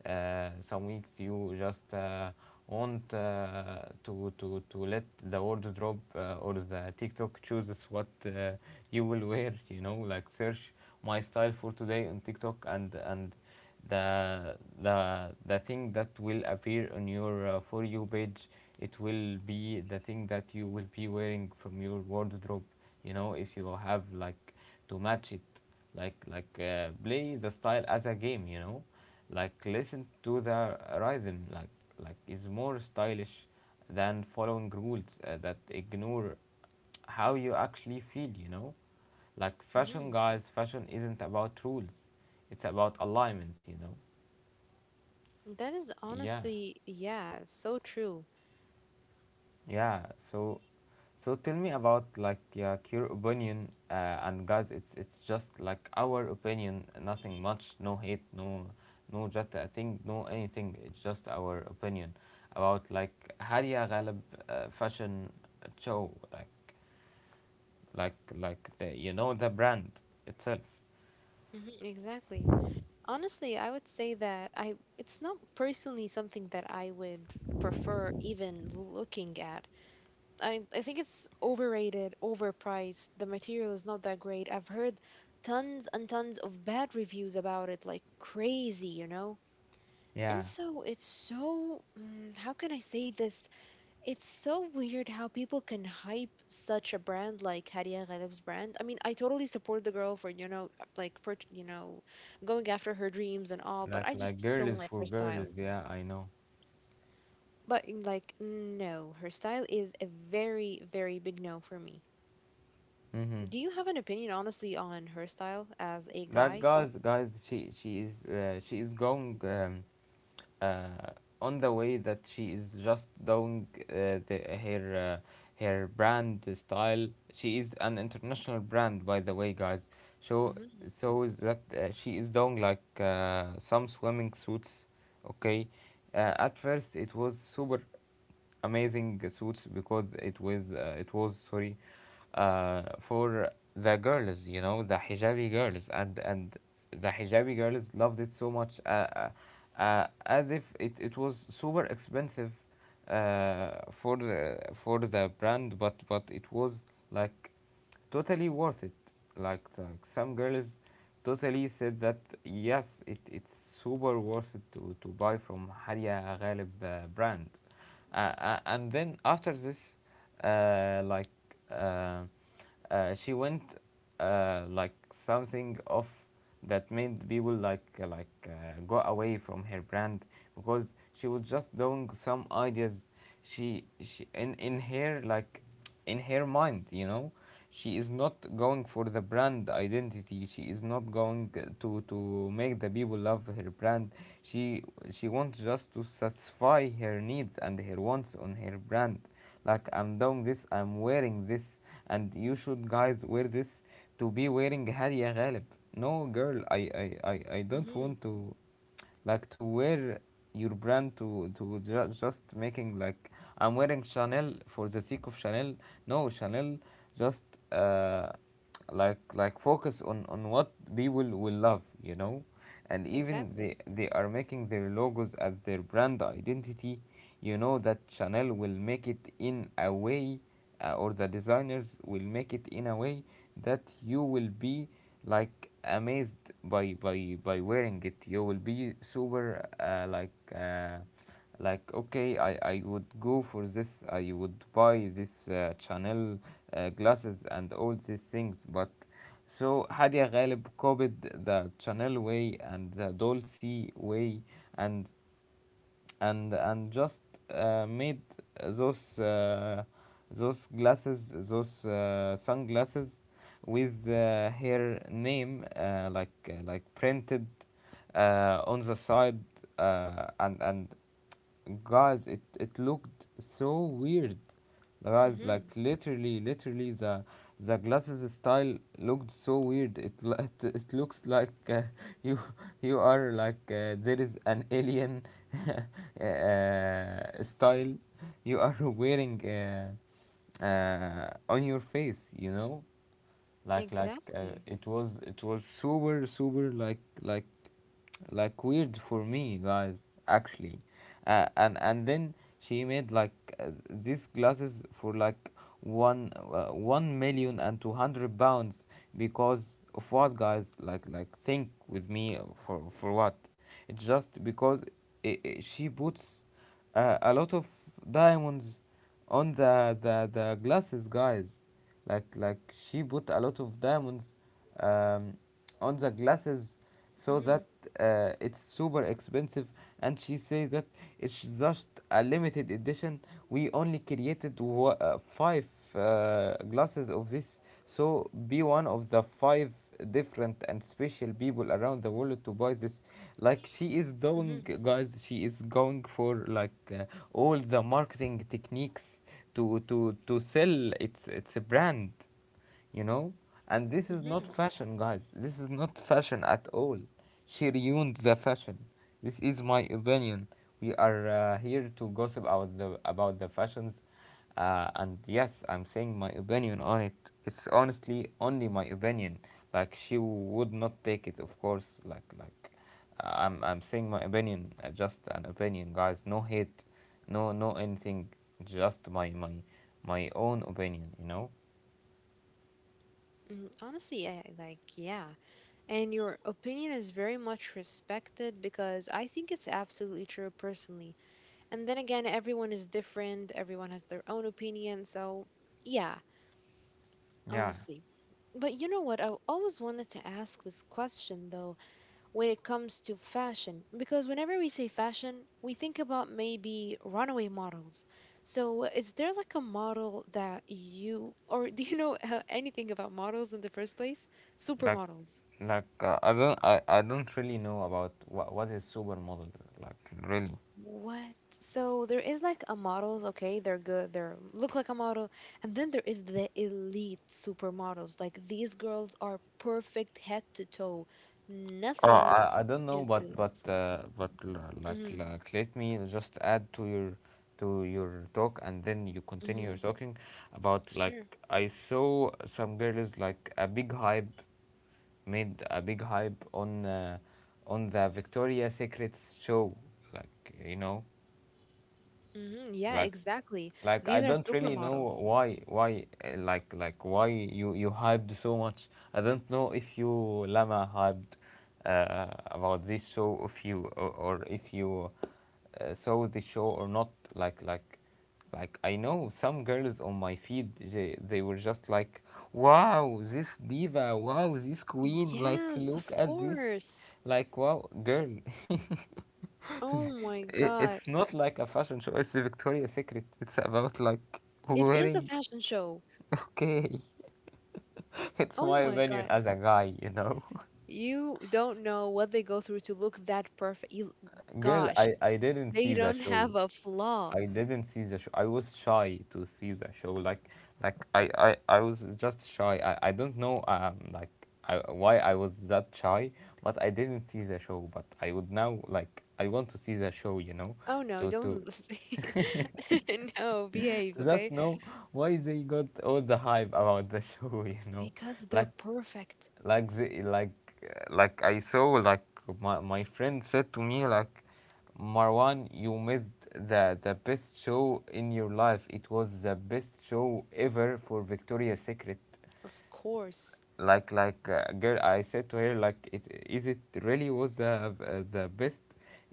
some weeks you just want to let the wardrobe, or the TikTok chooses what you will wear, you know. Like, search my style for today on TikTok, and the, the thing that will appear on your For You page, it will be the thing that you will be wearing from your wardrobe, you know. If you have like to match it, play the style as a game, you know. Like, listen to the rhythm. Like, is more stylish than following rules that ignore how you actually feel, you know. Like, fashion, guys, fashion isn't about rules, it's about alignment, you know. That is Yeah. honestly, yeah, so true. Yeah, so, tell me about, like, yeah, your opinion, and guys, it's just like our opinion, nothing much, no hate, no, no just a thing, no anything. It's just our opinion about, like, Haria Ghalib fashion show, like, the, you know, the brand itself. Mm-hmm. Exactly. Honestly, I would say that I it's not personally something that I would prefer even looking at. I think it's overrated, overpriced. The material is not that great. I've heard tons and tons of bad reviews about it, like crazy, you know? And Yeah, so it's so, how can I say this? It's so weird how people can hype such a brand like Hadia Ghalib's brand. I mean, I totally support the girl for, you know, like for, you know, going after her dreams and all, but like I like just don't girls like her for style. girls. Yeah, I know. But like, no, her style is a very, very big no for me. Mm-hmm. Do you have an opinion, honestly, on her style as a That, guy? Guys, she is going. Uh, on the way that she is just doing, her brand style. She is an international brand, by the way, guys. So, Mm-hmm. That she is doing, like some swimming suits. Okay, at first it was super amazing suits, because it was- it was, sorry, for the girls, you know, the hijabi girls. And the hijabi girls loved it so much, as if it was super expensive uh, for the, for the brand, but it was, like, totally worth it. Like, some girls totally said that yes, it's super worth it to, buy from Haria Ghalib brand. And then after this, uh, like uh, she went, like, something off that made people go away from her brand, because she was just doing some ideas she in her, like, in her mind, you know. She is not going for the brand identity, she is not going to make the people love her brand. She she wants just to satisfy her needs and her wants on her brand. Like, I'm doing this, I'm wearing this, and you should, guys, wear this to be wearing Hadia Ghalib. No, girl, I don't Mm-hmm. want to, like, to wear your brand, to just making like I'm wearing Chanel for the sake of Chanel. No, Chanel just uh, like focus on what people will love, you know, and even Exactly. they are making their logos as their brand identity. You know that Chanel will make it in a way, or the designers will make it in a way, that you will be, like, amazed by wearing it. You will be super, like, okay, I would go for this, I would buy this chanel glasses and all these things. But so Hadia Ghalib copied the Chanel way and the Dolce way, and and just made those uh, those glasses, those sunglasses with her name, like printed on the side, and guys, it looked so weird, guys. Mm-hmm. Like, literally the glasses style looked so weird. It lo- it looks like, you you are like, there is an alien style you are wearing on your face, you know. Like, Exactly. it was super, like, like weird for me, guys, actually. And then she made, like these glasses for like £1,000,200. Because of what, guys? Like, think with me, for what? It's just because I she puts a lot of diamonds on the glasses, guys. Like she put a lot of diamonds um, on the glasses, so Mm-hmm. that it's super expensive. And she says that it's just a limited edition. We only created five glasses of this. So be one of the five different and special people around the world to buy this. Like she is Mm-hmm. doing, guys. She is going for all the marketing techniques to sell its brand, you know. And this is not Mm-hmm. fashion, guys, this is not fashion at all. She ruined the fashion. This is my opinion. We are here to gossip about the fashions. And yes, I'm saying my opinion on it. It's honestly only my opinion. Like she would not take it, of course. Like, I'm saying my opinion, just an opinion, guys. No hate, no anything. Just my own opinion, you know? Mm, honestly, I, like, yeah. And your opinion is very much respected because I think it's absolutely true personally. And then again, everyone is different, everyone has their own opinion. So, yeah, Yeah. honestly. But you know what? I always wanted to ask this question though, when it comes to fashion, because whenever we say fashion, we think about maybe runaway models. So, is there like a model or do you know anything about models in the first place? like Supermodels. Like uh, I don't I, I don't really know about what is supermodel, like, really. What? So there is like a models, okay, they're good, they're look like a model, and then there is the elite supermodels. Like these girls are perfect head to toe. Uh, Nothing I, I don't know, is but but this. uh, but l- like Hmm. like let me just add to your, to your talk, and then you continue your Hmm. talking about, like, Sure. I saw some girls like a big hype, made a big hype on the Victoria's Secret show, like, you know. Hmm. Yeah, like exactly. like These I are don't really supermodels. know why, why you, you hyped so much. I don't know if you, Lama, hyped about this show, if you, or if you saw the show or not. Like, I know some girls on my feed, they were just like, wow, this diva, wow, this queen, like, Yes, look of at this, course. like, wow, girl. Oh my I- God. it's not like a fashion show. It's the Victoria's Secret. It's about, like, It is a wearing. fashion show. Okay. It's Oh my my opinion God. as a guy, you know. You don't know what they go through to look that perfect. Girl, Gosh, I didn't they see the don't show. have a flaw. I didn't see the show. I was shy to see the show. Like, I was just shy. I don't know, like, I, why I was that shy, but I didn't see the show. But I would now, like, I want to see the show, you know, Oh no, to to. don't, no, behave, okay? Just know why they got all the hype about the show. You know, Because they're like perfect, like the like like, I saw, like, my friend said to me, like, Marwan, you missed the best show in your life. It was the best show ever for Victoria's Secret. of course. Girl, I said to her, like, it, is it really was the best?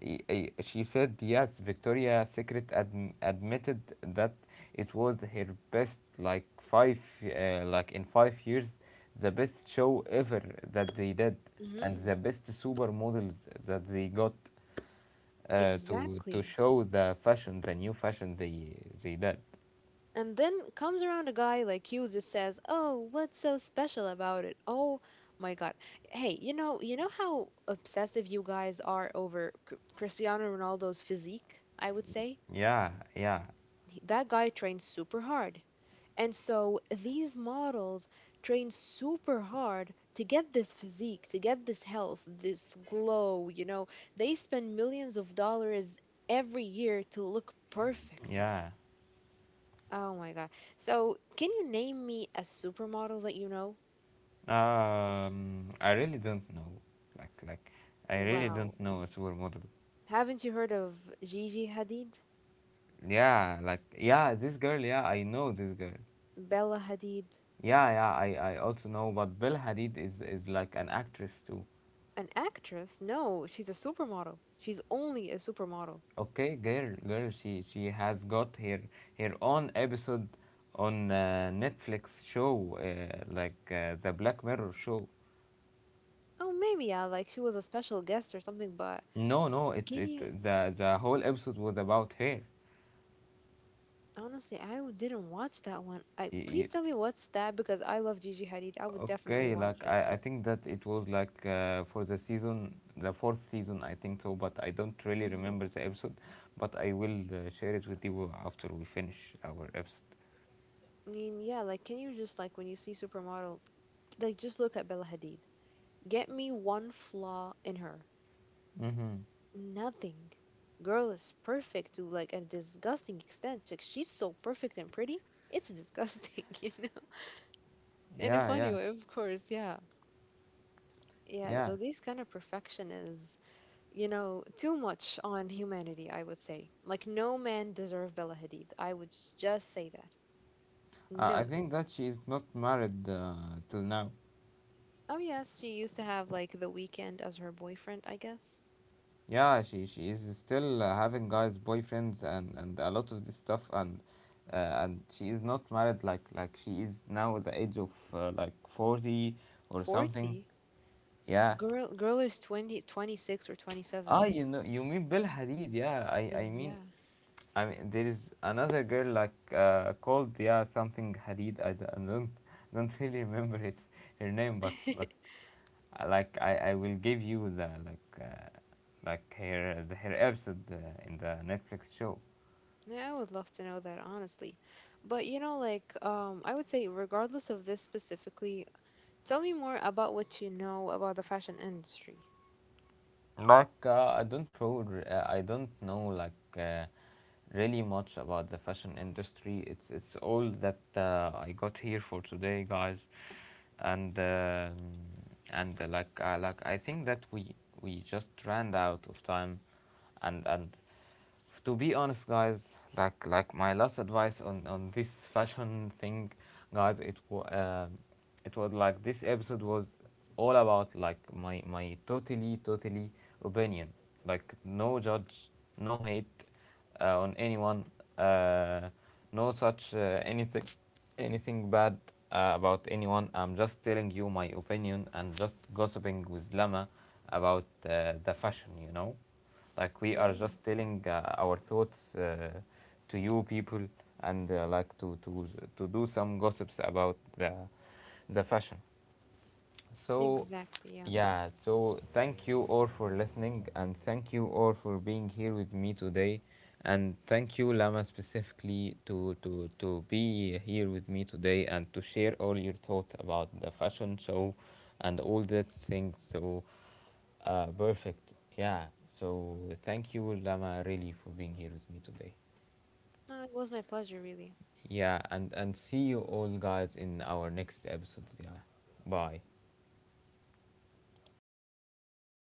Y- y- she said yes, Victoria Secret adm- admitted that it was her best, like, five, in 5 years, the best show ever that they did, and Hmm. the best supermodels that they got to Exactly. show the fashion, the new fashion they did. And then comes around a guy like you just says, "Oh, what's so special about it?" Oh my God. Hey, you know how obsessive you guys are over Cristiano Ronaldo's physique, I would say? Yeah, yeah, That guy trains super hard. And so these models train super hard to get this physique, to get this health, this glow. They spend millions of dollars every year to look perfect. yeah. Oh my God. So, can you name me a supermodel that you know? I really don't know. Like, I really don't Wow. know a supermodel. Haven't you heard of Gigi Hadid? Yeah, like, yeah, this girl. Yeah, I know this girl. Bella Hadid? Yeah, yeah, I also know. But Bill Hadid is like an actress too. An actress? No, she's a supermodel. She's only a supermodel. Okay, girl, girl. She has got her, her own episode on Netflix show, the Black Mirror show. Oh, maybe, yeah, like she was a special guest or something, but No, no, it's can it, you. the whole episode was about her. Honestly, didn't watch that one. I please Y- tell me what's that because I love Gigi Hadid. I would definitely okay, watch like, it. I think that it was like for the season, the fourth season, I think so, but I don't really Hmm. remember the episode, but I will share it with you after we finish our episode. I mean, yeah, like can you just like when you see supermodel, like just look at Bella Hadid. Get me one flaw in her. Mm-hmm. Nothing. Girl is perfect to like a disgusting extent. Like she's so perfect and pretty. It's disgusting, you know? In a Yeah, funny yeah, way, of course, yeah. Yeah, yeah. so this kind of perfection is, too much on humanity, I would say. Like, no man deserve Bella Hadid. I would just say that. No I man. think that she is not married till now. Oh, yes, she used to have, like, The Weekend as her boyfriend, I guess. Yeah, she is still having guys, boyfriends, and a lot of this stuff, and she is not married, like, like, she is now at the age of like 40 or something. 40? Yeah. Girl is 2026 or Ah, 27. you know, you mean Bill Hadid? Yeah, Yeah. I mean, there is another girl, like, called, yeah, something Hadid. I, d- I don't really remember it, her name, but like, I will give you the, like, her, the, her episode in the Netflix show. Yeah, I would love to know that, honestly. But, like, I would say, regardless of this specifically, tell me more about what you know about the fashion industry. Like I don't know, r- I don't know, like, really much about the fashion industry. It's all that I got here for today, guys. and um, and I think that we just ran out of time, and, to be honest, guys, like, my last advice on this fashion thing, guys, it was like this episode was all about like my totally, totally opinion, like, no judge, no hate, on anyone. Uh, no such anything, anything bad about anyone. I'm just telling you my opinion and just gossiping with Lama about the fashion. You know, like, we are Hmm. just telling our thoughts to you people and like, to to do some gossips about the fashion. So, Exactly, yeah. yeah, so thank you all for listening, and thank you all for being here with me today. And thank you, Lama, specifically to be here with me today and to share all your thoughts about the fashion show and all these things. So, perfect. Yeah. So, thank you, Lama, really, for being here with me today. No, it was my pleasure, really. Yeah. And see you all, guys, in our next episode. Yeah. Bye.